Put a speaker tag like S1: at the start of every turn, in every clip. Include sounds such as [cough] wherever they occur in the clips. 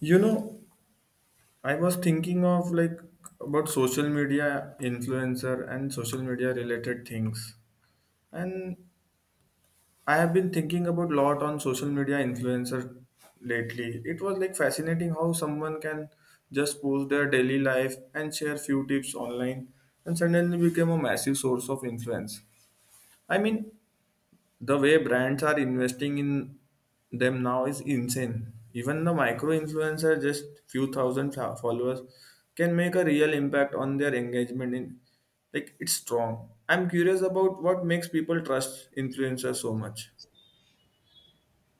S1: You know, I was thinking of like about social media influencer and social media related things. And I have been thinking about lot on social media influencer lately. It was like fascinating how someone can just post their daily life and share few tips online and suddenly become a massive source of influence. I mean, the way brands are investing in them now is insane. Even the micro influencer, just few thousand followers, can make a real impact on their engagement. In like it's strong. I'm curious about what makes people trust influencers so much.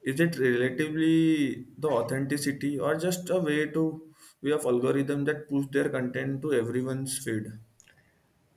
S1: Is it relatively the authenticity or just a way of algorithm that push their content to everyone's feed?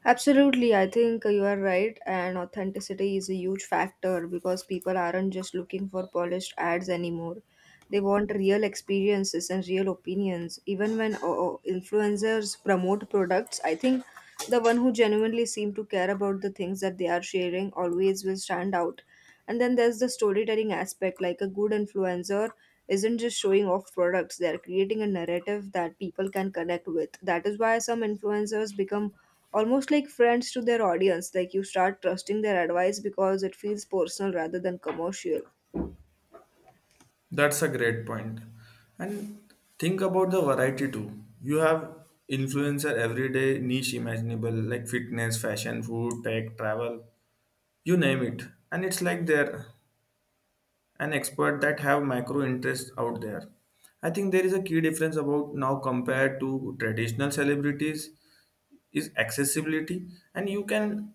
S2: Absolutely, I think you are right, and authenticity is a huge factor because people aren't just looking for polished ads anymore. They want real experiences and real opinions. Even when influencers promote products, I think the one who genuinely seem to care about the things that they are sharing always will stand out. And then there's the storytelling aspect, like a good influencer isn't just showing off products, they're creating a narrative that people can connect with. That is why some influencers become almost like friends to their audience, like you start trusting their advice because it feels personal rather than commercial.
S1: That's a great point. And think about the variety too. You have influencer everyday niche imaginable like fitness, fashion, food, tech, travel, you name it. And it's like they're an expert that have macro interests out there. I think there is a key difference about now compared to traditional celebrities is accessibility, and you can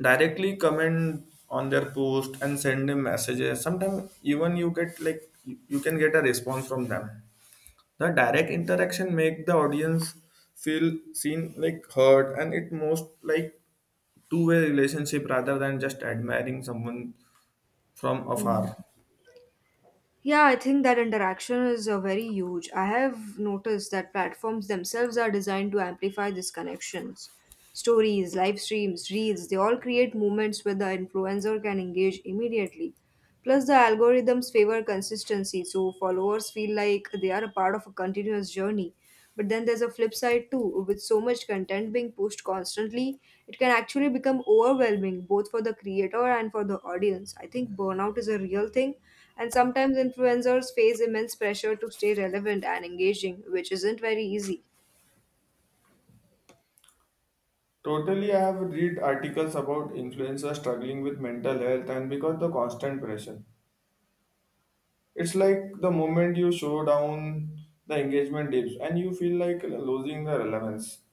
S1: directly comment on their post and send them messages. Sometimes even you get like you can get a response from them. The direct interaction make the audience feel seen like heard, and it most like two-way relationship rather than just admiring someone from afar.
S2: Yeah, I think that interaction is very huge. I have noticed that platforms themselves are designed to amplify these connections. Stories, live streams, reels, they all create moments where the influencer can engage immediately. Plus, the algorithms favor consistency, so followers feel like they are a part of a continuous journey. But then there's a flip side too. With so much content being pushed constantly, it can actually become overwhelming both for the creator and for the audience. I think burnout is a real thing, and sometimes influencers face immense pressure to stay relevant and engaging, which isn't very easy.
S1: Totally, I have read articles about influencers struggling with mental health and because the constant pressure it's like the moment you show down, the engagement dips and you feel like losing the relevance,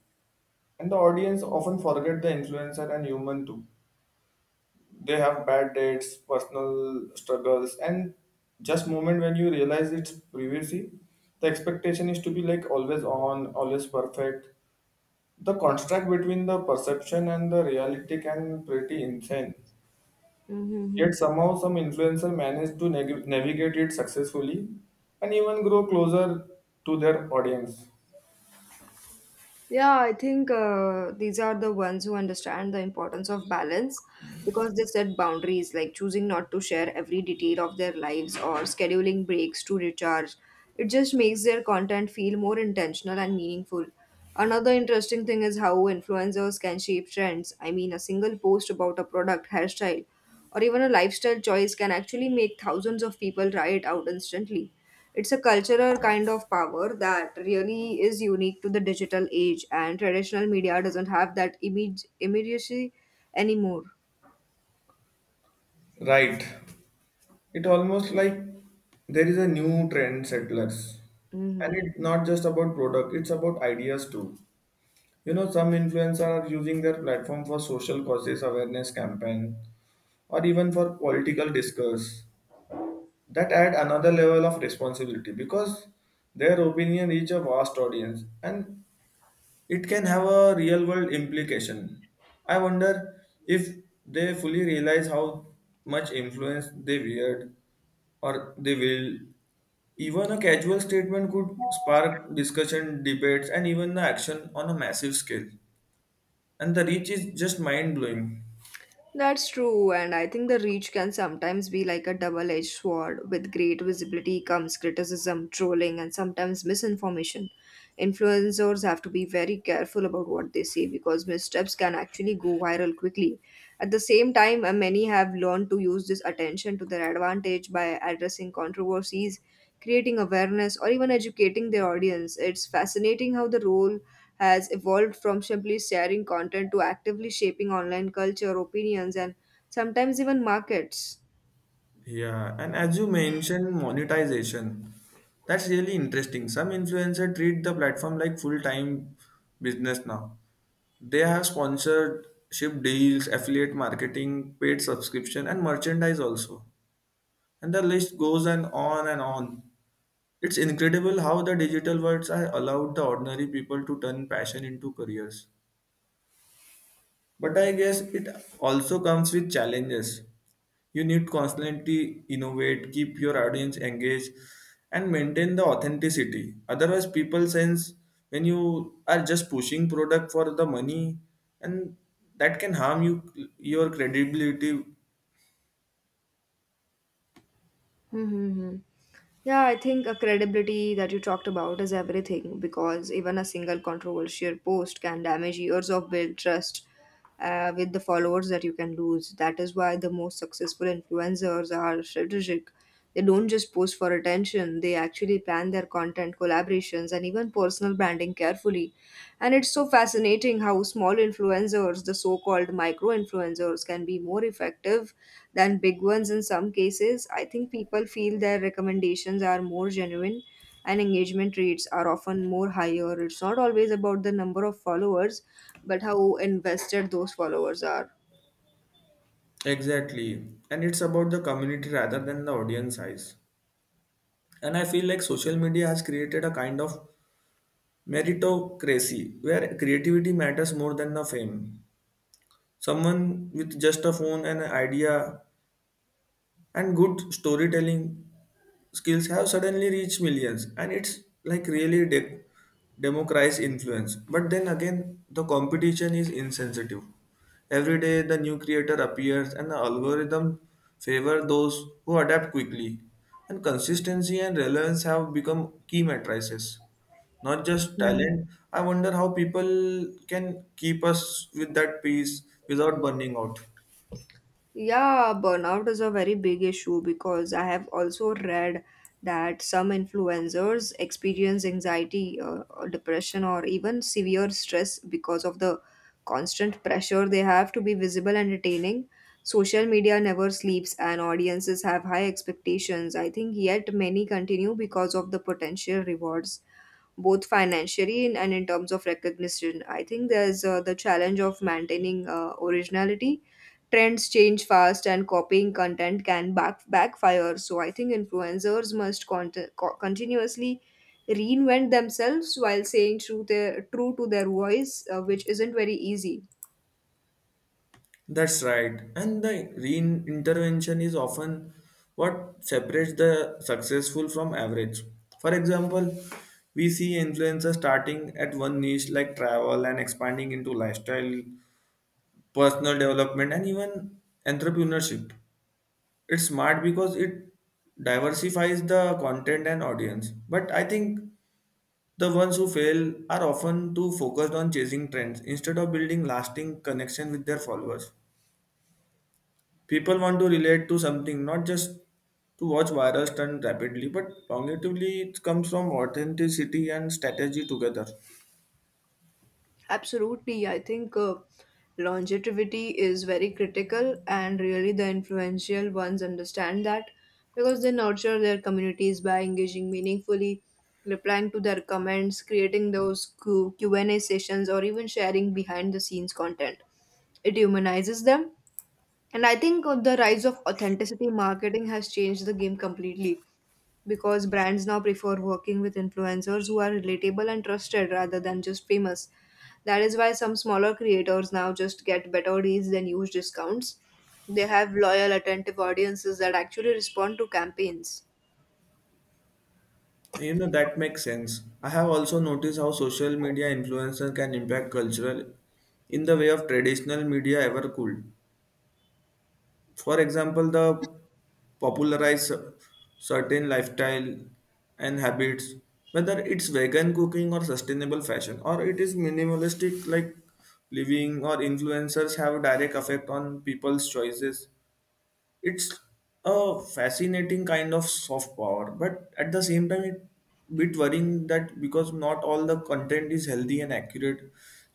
S1: and the audience often forget the influencer and human too. They have bad dates, personal struggles, and just moment when you realize it's privacy, the expectation is to be like always on, always perfect. The contrast between the perception and the reality can pretty insane. Yet
S2: Mhm.
S1: somehow some influencer manage to navigate it successfully and even grow closer to their audience.
S2: Yeah, I think these are the ones who understand the importance of balance because they set boundaries, like choosing not to share every detail of their lives or scheduling breaks to recharge. It just makes their content feel more intentional and meaningful. Another interesting thing is how influencers can shape trends. I mean, a single post about a product, hairstyle, or even a lifestyle choice can actually make thousands of people try it out instantly. It's a cultural kind of power that really is unique to the digital age, and traditional media doesn't have that immediacy anymore.
S1: Right. It almost like there is a new trend settlers. And
S2: Mhm.
S1: it's not just about product, it's about ideas too. Some influencers are using their platform for social causes awareness campaign or even for political discourse. That add another level of responsibility because their opinion reach a vast audience and it can have a real world implication. I wonder if they fully realize how much influence they wield or they will. Even a casual statement could spark discussion, debates, and even the action on a massive scale, and the reach is just mind blowing.
S2: That's true, and I think the reach can sometimes be like a double edged sword. With great visibility comes criticism, trolling, and sometimes misinformation. Influencers have to be very careful about what they say because missteps can actually go viral quickly. At the same time, many have learned to use this attention to their advantage by addressing controversies, creating awareness, or even educating their audience. It's fascinating how the role has evolved from simply sharing content to actively shaping online culture, opinions, and sometimes even markets.
S1: Yeah, and as you mentioned, monetization. That's really interesting. Some influencers treat the platform like full time business now. They have sponsorship deals, affiliate marketing, paid subscription, and merchandise also. And the list goes and on and on. It's incredible how the digital worlds have allowed the ordinary people to turn passion into careers. But I guess it also comes with challenges. You need constantly innovate, keep your audience engaged, and maintain the authenticity. Otherwise, people sense when you are just pushing product for the money, and that can harm your credibility.
S2: Mm-hmm. Yeah, I think a credibility that you talked about is everything because even a single controversial post can damage years of built trust with the followers that you can lose. That is why the most successful influencers are strategic. They don't just post for attention, they actually plan their content, collaborations, and even personal branding carefully. And it's so fascinating how small influencers, the so called micro influencers, can be more effective than big ones in some cases. I think people feel their recommendations are more genuine and engagement rates are often more higher. It's not always about the number of followers, but how invested those followers are.
S1: Exactly. And it's about the community rather than the audience size. And I feel like social media has created a kind of meritocracy where creativity matters more than the fame. Someone with just a phone and an idea and good storytelling skills have suddenly reached millions, and it's like really democratize influence. But then again, the competition is insensitive. Every day the new creator appears, and the algorithm favor those who adapt quickly, and consistency and relevance have become key matrices, not just
S2: Hmm.
S1: talent. I wonder how people can keep us with that peace without burning out.
S2: Yeah, burnout is a very big issue because I have also read that some influencers experience anxiety, or depression, or even severe stress because of the constant pressure they have to be visible and entertaining. Social media never sleeps, and audiences have high expectations. I think yet many continue because of the potential rewards both financially and in terms of recognition. I think there's the challenge of maintaining originality. Trends change fast, and copying content can backfire. So I think influencers must continuously reinvent themselves while saying true, true to their voice, which isn't very easy.
S1: That's right. And the re-intervention is often what separates the successful from average. For example, we see influencers starting at one niche like travel and expanding into lifestyle, personal development, and even entrepreneurship. It's smart because it diversifies the content and audience. But I think the ones who fail are often too focused on chasing trends instead of building lasting connection with their followers. People want to relate to something, not just to watch viral stunt rapidly, but cognitively it comes from authenticity and strategy together.
S2: Absolutely. I think longevity is very critical, and really the influential ones understand that because they nurture their communities by engaging meaningfully, replying to their comments, creating those Q&A sessions, or even sharing behind the scenes content. It humanizes them. And I think the rise of authenticity marketing has changed the game completely because brands now prefer working with influencers who are relatable and trusted rather than just famous. That is why some smaller creators now just get better deals than huge discounts. They have loyal, attentive audiences that actually respond to campaigns.
S1: That makes sense. I have also noticed how social media influencers can impact cultural in the way of traditional media ever could. For example, the popularize certain lifestyle and habits, whether it's vegan cooking or sustainable fashion or it is minimalistic like living, or influencers have direct effect on people's choices. It's a fascinating kind of soft power, but at the same time it bit worrying that because not all the content is healthy and accurate.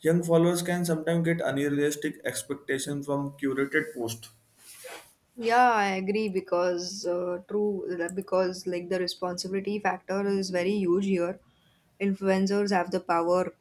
S1: Young followers can sometimes get unrealistic expectations from curated posts.
S2: Yeah, I agree because true because like the responsibility factor is very huge here. Influencers have the power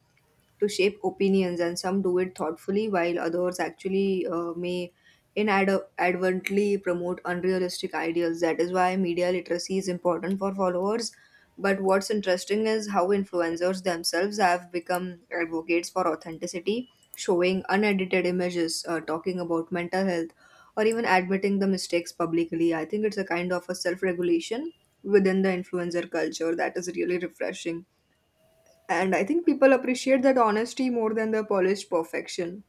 S2: to shape opinions, and some do it thoughtfully, while others actually may inadvertently promote unrealistic ideals. That is why media literacy is important for followers. But what's interesting is how influencers themselves have become advocates for authenticity, showing unedited images, talking about mental health, or even admitting the mistakes publicly. I think it's a kind of a self regulation within the influencer culture that is really refreshing. And I think people appreciate that honesty more than the polished perfection.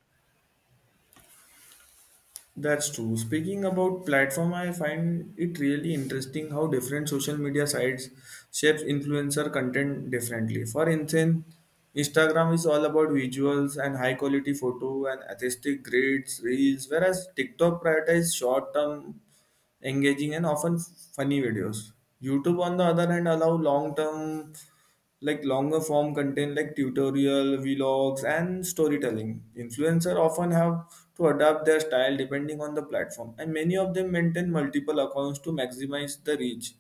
S1: That's true. Speaking about platform, I find it really interesting how different social media sites shapes influencer content differently. For instance, Instagram is all about visuals and high quality photo and aesthetic grades, reels, whereas TikTok prioritizes short term engaging and often funny videos. YouTube, on the other hand, allow long term, like longer form content like tutorial, vlogs, and storytelling. Influencers often have to adapt their style depending on the platform, and many of them maintain multiple accounts to maximize the reach.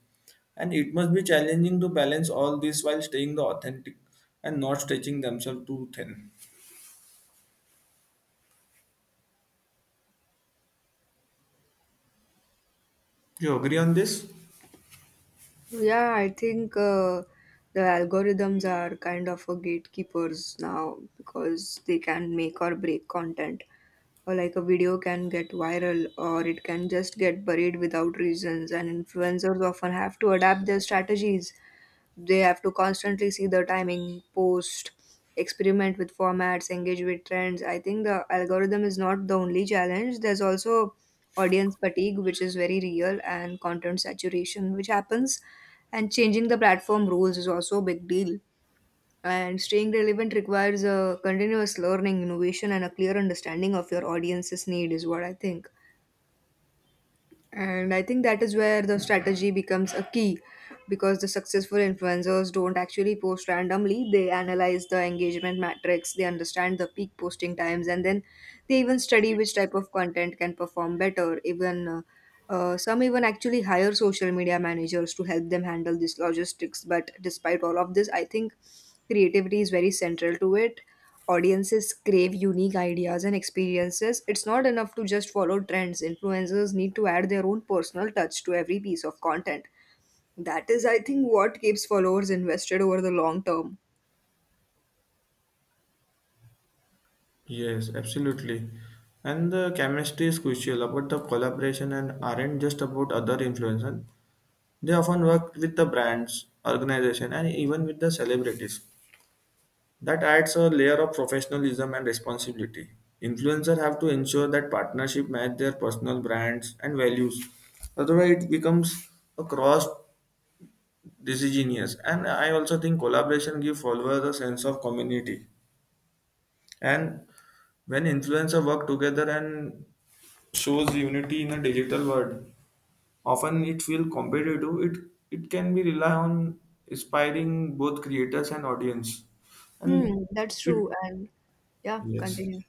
S1: And it must be challenging to balance all this while staying the authentic and not stretching themselves too thin. You agree on this?
S2: Yeah, I think the algorithms are kind of a gatekeepers now because they can make or break content. Or like a video can get viral or it can just get buried without reasons, and influencers often have to adapt their strategies. They have to constantly see the timing, post, experiment with formats, engage with trends. I think the algorithm is not the only challenge. There's also audience fatigue, which is very real, and content saturation, which happens, and changing the platform rules is also a big deal. And staying relevant requires a continuous learning, innovation, and a clear understanding of your audience's need, is what I think. And I think that is where the strategy becomes a key because the successful influencers don't actually post randomly. They analyze the engagement metrics, they understand the peak posting times, and then they even study which type of content can perform better. Even Some even actually hire social media managers to help them handle these logistics. But despite all of this, I think creativity is very central to it. Audiences crave unique ideas and experiences. It's not enough to just follow trends. Influencers need to add their own personal touch to every piece of content. That is, I think, what keeps followers invested over the long term.
S1: Yes, absolutely. And the chemistry is crucial about the collaboration and aren't just about other influencers. They often work with the brands, organization, and even with the celebrities. That adds a layer of professionalism and responsibility. Influencers have to ensure that partnership match their personal brands and values. Otherwise, it becomes a cross decision. And I also think collaboration gives followers a sense of community. And when influencers work together and shows unity in a digital world, often it feels competitive. It can be rely on inspiring both creators and audience. And
S2: Hmm, that's true.
S1: it
S2: And yeah,
S1: yes.
S2: continue.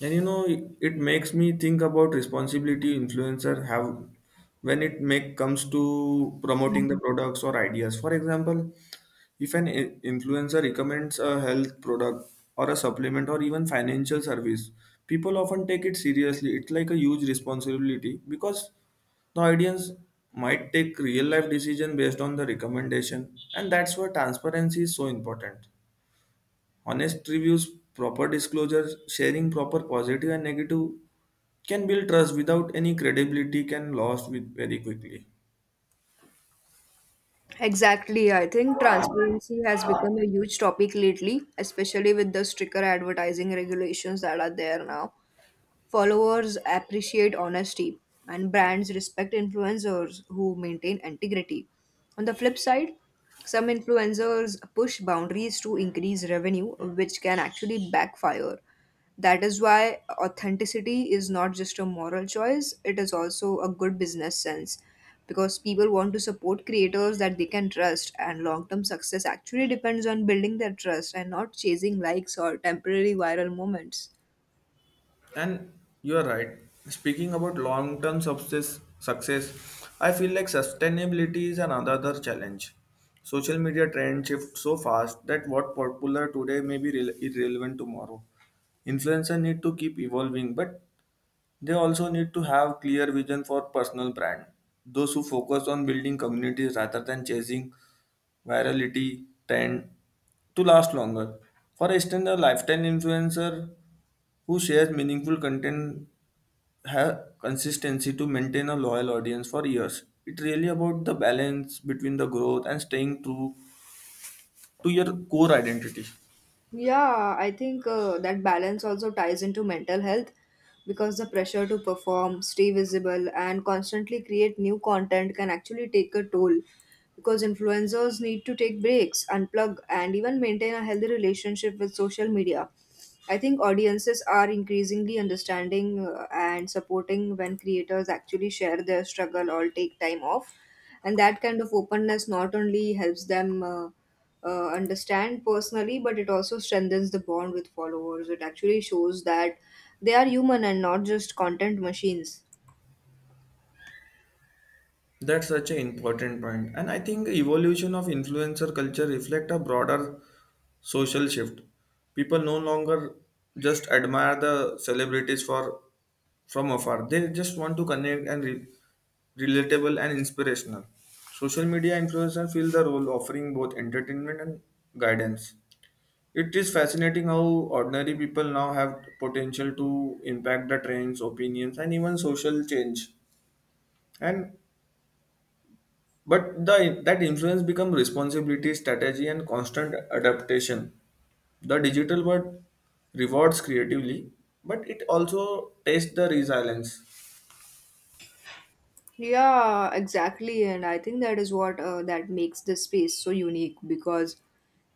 S1: And it makes me think about responsibility influencer have when it make comes to promoting the products or ideas. For example, if an influencer recommends a health product or a supplement or even financial service, people often take it seriously. It's like a huge responsibility because the audience might take real life decision based on the recommendation, and that's why transparency is so important. Honest reviews, proper disclosure, sharing proper positive and negative can build trust without any credibility can lost with very quickly.
S2: Exactly. I think transparency has become a huge topic lately, especially with the stricter advertising regulations that are there now. Followers appreciate honesty, and brands respect influencers who maintain integrity. On the flip side, some influencers push boundaries to increase revenue, which can actually backfire. That is why authenticity is not just a moral choice, it is also a good business sense because people want to support creators that they can trust, and long term success actually depends on building their trust and not chasing likes or temporary viral moments.
S1: And you're right. Speaking about long term success, I feel like sustainability is another challenge. Social media trends shift so fast that what popular today may be irrelevant tomorrow. Influencers need to keep evolving, but they also need to have clear vision for personal brand. Those who focus on building communities rather than chasing virality tend to last longer. For instance, a lifestyle influencer who shares meaningful content have consistency to maintain a loyal audience for years. It's really about the balance between the growth and staying true to your core identity.
S2: Yeah, I think that balance also ties into mental health because the pressure to perform, stay visible, and constantly create new content can actually take a toll. Because influencers need to take breaks, unplug, and even maintain a healthy relationship with social media. I think audiences are increasingly understanding and supporting when creators actually share their struggle or take time off. And that kind of openness not only helps them. Understand personally, but it also strengthens the bond with followers. It actually shows that they are human and not just content machines.
S1: That's such an important point. And I think evolution of influencer culture reflect a broader social shift. People no longer just admire the celebrities for from afar. They just want to connect and relatable and inspirational. Social media influencers fill the role offering both entertainment and guidance. It is fascinating how ordinary people now have potential to impact the trends, opinions, and even social change. And but the that influence becomes responsibility, strategy, and constant adaptation. The digital world rewards creatively, but it also tests the resilience.
S2: Yeah, exactly. And I think that is what that makes this space so unique because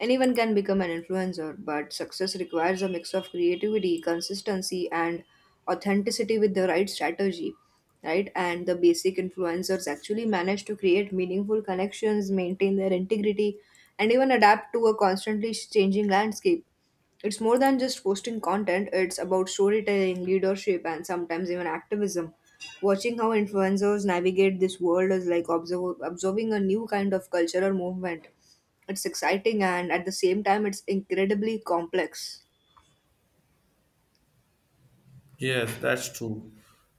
S2: anyone can become an influencer, but success requires a mix of creativity, consistency, and authenticity with the right strategy, right? And the basic influencers actually manage to create meaningful connections, maintain their integrity, and even adapt to a constantly changing landscape. It's more than just posting content, it's about storytelling, leadership, and sometimes even activism. Watching how influencers navigate this world is like observing a new kind of cultural movement. It's exciting and at the same time, it's incredibly complex.
S1: Yes, that's true.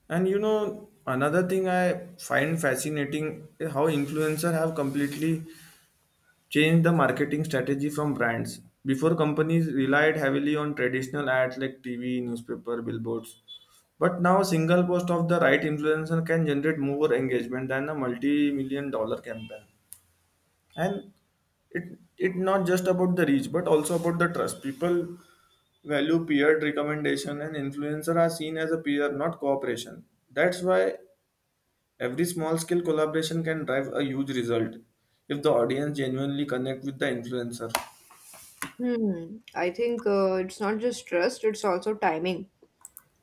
S1: And another thing I find fascinating is how influencers have completely changed the marketing strategy from brands. Before, companies relied heavily on traditional ads like TV, newspaper, billboards. But now, a single post of the right influencer can generate more engagement than a multi-million dollar campaign. And it not just about the reach, but also about the trust. People value peer recommendation, and influencer are seen as a peer, not cooperation. That's why every small scale collaboration can drive a huge result if the audience genuinely connect with the influencer.
S2: Hmm. I think it's not just trust, it's also timing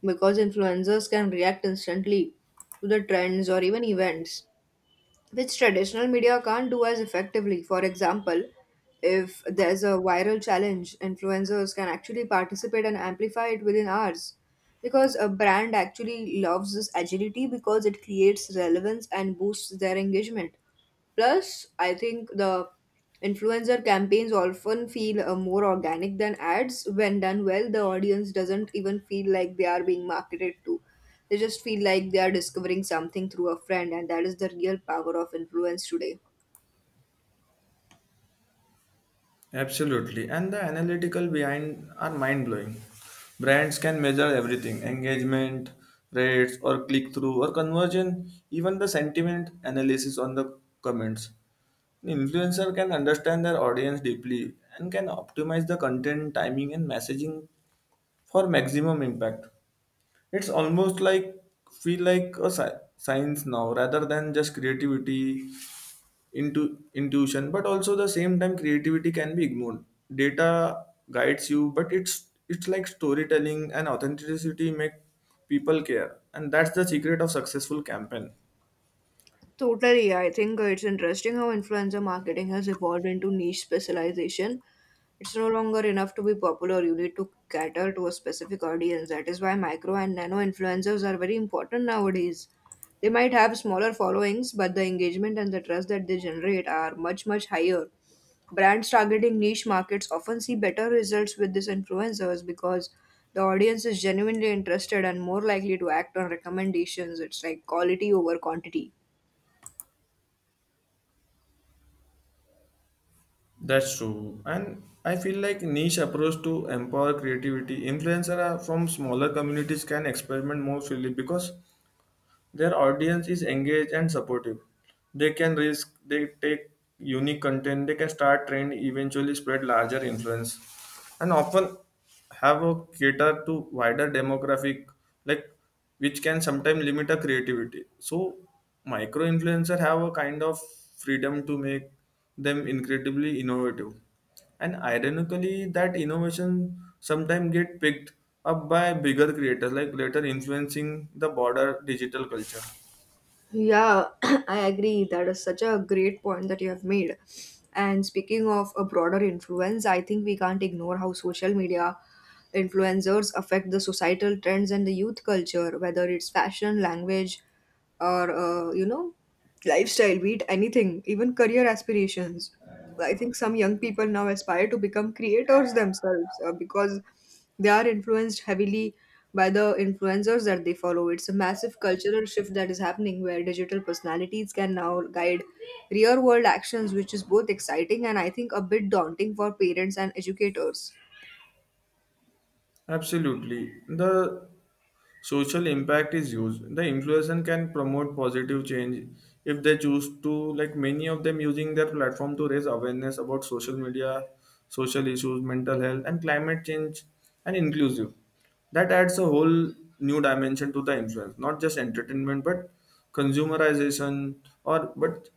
S2: because influencers can react instantly to the trends or even events, which traditional media can't do as effectively. For example, if there's a viral challenge, influencers can actually participate and amplify it within hours. Because a brand actually loves this agility because it creates relevance and boosts their engagement. Plus, I think the influencer campaigns often feel more organic than ads. When done well, the audience doesn't even feel like they are being marketed to. They just feel like they are discovering something through a friend, and that is the real power of influence today.
S1: Absolutely. And the analytical behind are mind blowing. Brands can measure everything engagement, rates, or click through, or conversion, even the sentiment analysis on the comments. An influencer can understand their audience deeply and can optimize the content, timing, and messaging for maximum impact. It's almost like feel like a science now rather than just creativity into intuition. But also the same time creativity can be ignored. Data guides you, but it's like storytelling and authenticity make people care, and that's the secret of successful campaign.
S2: Totally. I think it's interesting how influencer marketing has evolved into niche specialization. It's no longer enough to be popular. You need to cater to a specific audience. That is why micro and nano influencers are very important nowadays. They might have smaller followings, but the engagement and the trust that they generate are much, much higher. Brands targeting niche markets often see better results with these influencers because the audience is genuinely interested and more likely to act on recommendations. It's like quality over quantity.
S1: That's true. And I feel like niche approach to empower creativity influencer are from smaller communities can experiment more freely because their audience is engaged and supportive. They can risk, they take unique content, they can start trend, eventually spread larger influence, and often have a cater to wider demographic, like which can sometimes limit a creativity. So micro influencer have a kind of freedom to make them incredibly innovative. And ironically, that innovation sometimes get picked up by bigger creators, like later influencing the broader digital culture.
S2: Yeah, [clears throat] I agree. That is such a great point that you have made. And speaking of a broader influence, I think we can't ignore how social media influencers affect the societal trends and the youth culture, whether it's fashion, language, or lifestyle, be it anything, even career aspirations. I think some young people now aspire to become creators themselves because they are influenced heavily by the influencers that they follow. It's a massive cultural shift that is happening where digital personalities can now guide real world actions, which is both exciting and I think a bit daunting for parents and educators.
S1: Absolutely. The social impact is huge, the influencer can promote positive change if they choose to, like many of them using their platform to raise awareness about social media, social issues, mental health, and climate change and inclusive. That adds a whole new dimension to the influence, not just entertainment but consumerization or but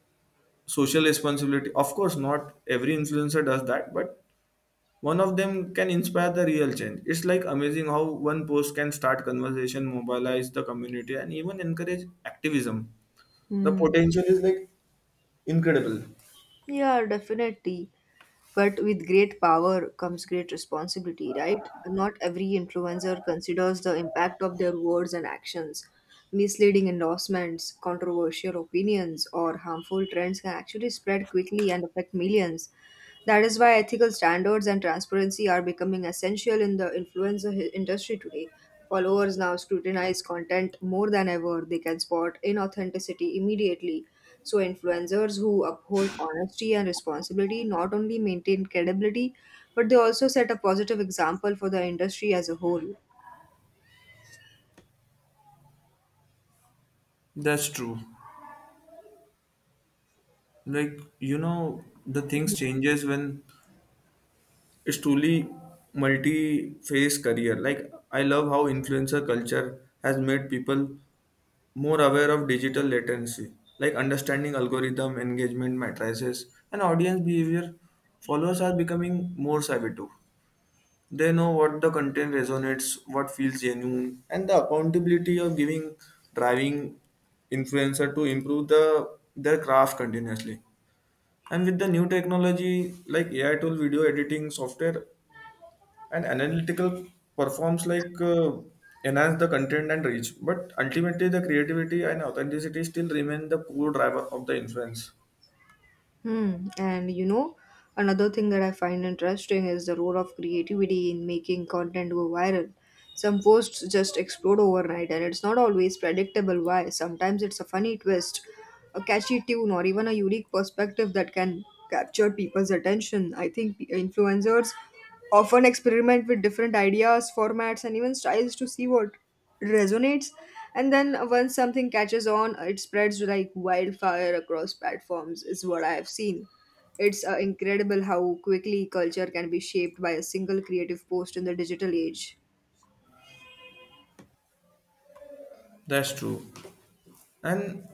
S1: social responsibility. Of course, not every influencer does that, but one of them can inspire the real change. It's like amazing how one post can start conversation, mobilize the community, and even encourage activism. The
S2: Hmm.
S1: potential is like incredible.
S2: Yeah, definitely. But with great power comes great responsibility, right? Not every influencer considers the impact of their words and actions. Misleading endorsements, controversial opinions, or harmful trends can actually spread quickly and affect millions. That is why ethical standards and transparency are becoming essential in the influencer industry today. Followers now scrutinize content more than ever. They can spot inauthenticity immediately. So, influencers who uphold honesty and responsibility not only maintain credibility, but they also set a positive example for the industry as a whole.
S1: That's true. The things changes when it's truly multi-phase career. Like, I love how influencer culture has made people more aware of digital latency, like understanding algorithm, engagement matrices, and audience behavior. Followers are becoming more savvy too. They know what the content resonates, what feels genuine, and the accountability of giving driving influencer to improve their craft continuously. And with the new technology like AI tool, video editing software, and analytical performs like enhance the content and reach. But ultimately, the creativity and authenticity still remain the core driver of the influence.
S2: Hmm. And you know, another thing that I find interesting is the role of creativity in making content go viral. Some posts just explode overnight, and it's not always predictable why. Sometimes it's a funny twist, a catchy tune, or even a unique perspective that can capture people's attention. I think influencers often experiment with different ideas, formats, and even styles to see what resonates. And then once something catches on, it spreads like wildfire across platforms, is what I have seen. It's incredible how quickly culture can be shaped by a single creative post in the digital age.
S1: That's true. And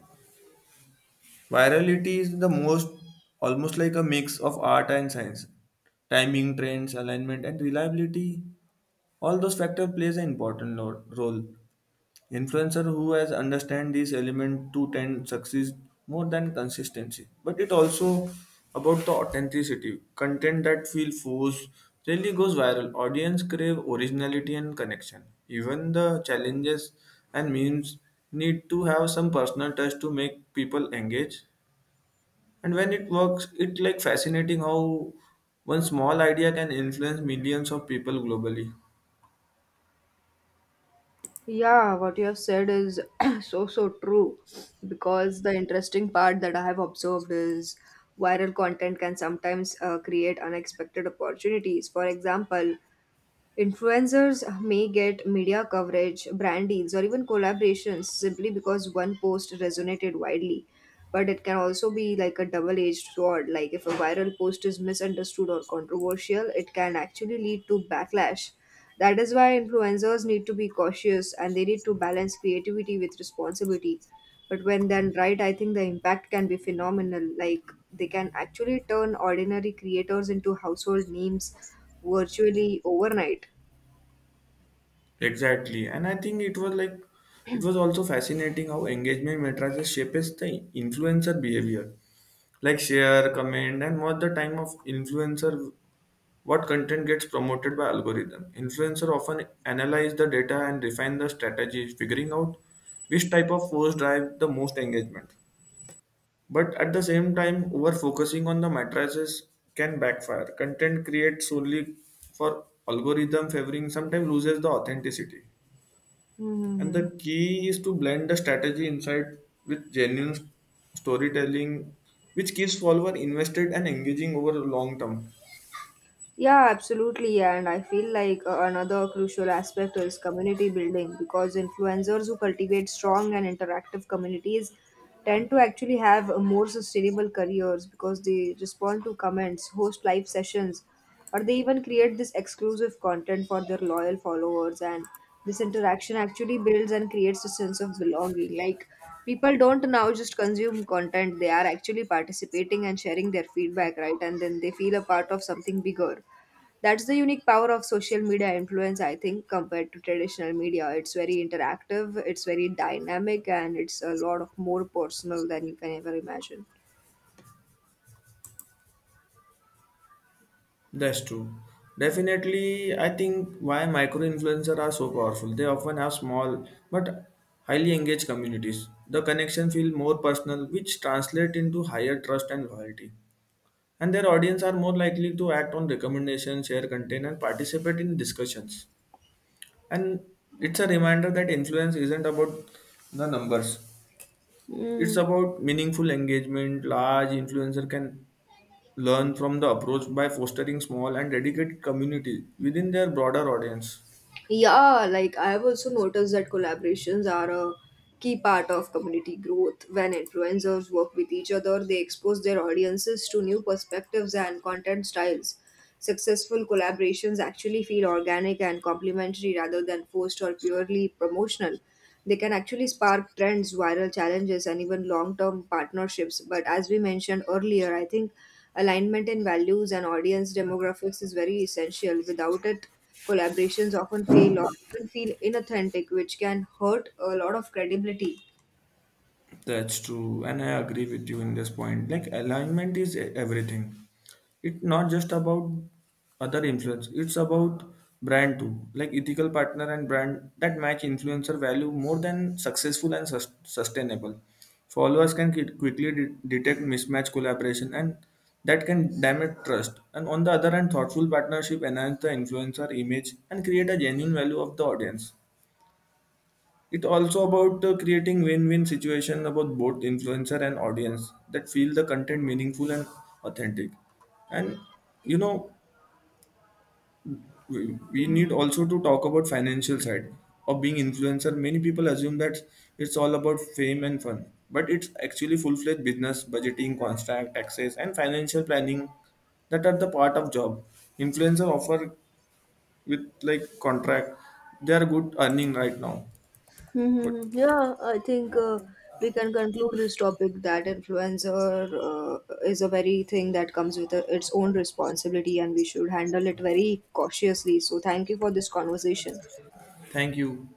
S1: virality is the most, almost like a mix of art and science. Timing, trends, alignment, and reliability. All those factors plays an important role. Influencer who has understand these element to tend succeed more than consistency. But it also about the authenticity. Content that feel forced really goes viral. Audience crave originality and connection. Even the challenges and memes need to have some personal touch to make people engage. And when it works, it like fascinating how one small idea can influence millions of people globally.
S2: Yeah, what you have said is [clears throat] so true because the interesting part that I have observed is viral content can sometimes create unexpected opportunities. For example, influencers may get media coverage, brand deals, or even collaborations simply because one post resonated widely. But it can also be like a double edged sword. Like, if a viral post is misunderstood or controversial, it can actually lead to backlash. That is why influencers need to be cautious and they need to balance creativity with responsibility. But when done right, I think the impact can be phenomenal. Like, they can actually turn ordinary creators into household names virtually overnight.
S1: Exactly, and I think it was like, it was also fascinating how engagement matrices shapes the influencer behavior, like share, comment, and what the time of influencer, what content gets promoted by algorithm. Influencer often analyze the data and refine the strategy, figuring out which type of post drive the most engagement. But at the same time, over focusing on the matrices can backfire. Content created solely for algorithm favoring sometimes loses the authenticity. And
S2: 음.
S1: the key is to blend the strategy insight with genuine storytelling, which keeps follower invested and engaging over long term.
S2: Yeah, absolutely. And I feel like another crucial aspect is community building because influencers who cultivate strong and interactive communities tend to actually have more sustainable careers because they respond to comments, host live sessions, or they even create this exclusive content for their loyal followers. And this interaction actually builds and creates a sense of belonging. Like people don't now just consume content, they are actually participating and sharing their feedback, right? And then they feel a part of something bigger. That's the unique power of social media influence, I think, compared to traditional media. It's very interactive, it's very dynamic, and it's a lot of more personal than you can ever imagine.
S1: That's true. Definitely, I think why micro influencers are so powerful. They often have small but highly engaged communities. The connection feel more personal, which translate into higher trust and loyalty. And their audience are more likely to act on recommendations, share content, and participate in discussions. And it's a reminder that influence isn't about the numbers. It's
S2: Hmm.
S1: about meaningful engagement. Large influencer can learn from the approach by fostering small and dedicated community within their broader audience.
S2: Yeah, like I've also noticed that collaborations are a key part of community growth. When influencers work with each other, they expose their audiences to new perspectives and content styles. Successful collaborations actually feel organic and complementary rather than forced or purely promotional. They can actually spark trends, viral challenges, and even long term partnerships. But as we mentioned earlier, I think alignment in values and audience demographics is very essential. Without it, collaborations often fail or even feel inauthentic, which can hurt a lot of credibility.
S1: That's true, and I agree with you in this point. Like, alignment is everything. It's not just about other influence. It's about brand too. Like ethical partner and brand that match influencer value more than successful and sustainable. Followers can quickly detect mismatch collaboration, and that can damage trust. And on the other hand, thoughtful partnership enhance the influencer image and create a genuine value of the audience. It also about creating win-win situation about both influencer and audience that feel the content meaningful and authentic. And you know, we need also to talk about financial side of being influencer. Many people assume that it's all about fame and fun, but it's actually full-fledged business, budgeting, contract, taxes, and financial planning that are the part of job. Influencer offer with like contract, they are good earning right now. But
S2: Mm-hmm. Yeah, I think we can conclude this topic that influencer is a very thing that comes with a, its own responsibility and we should handle it very cautiously. So, thank you for this conversation.
S1: thank you.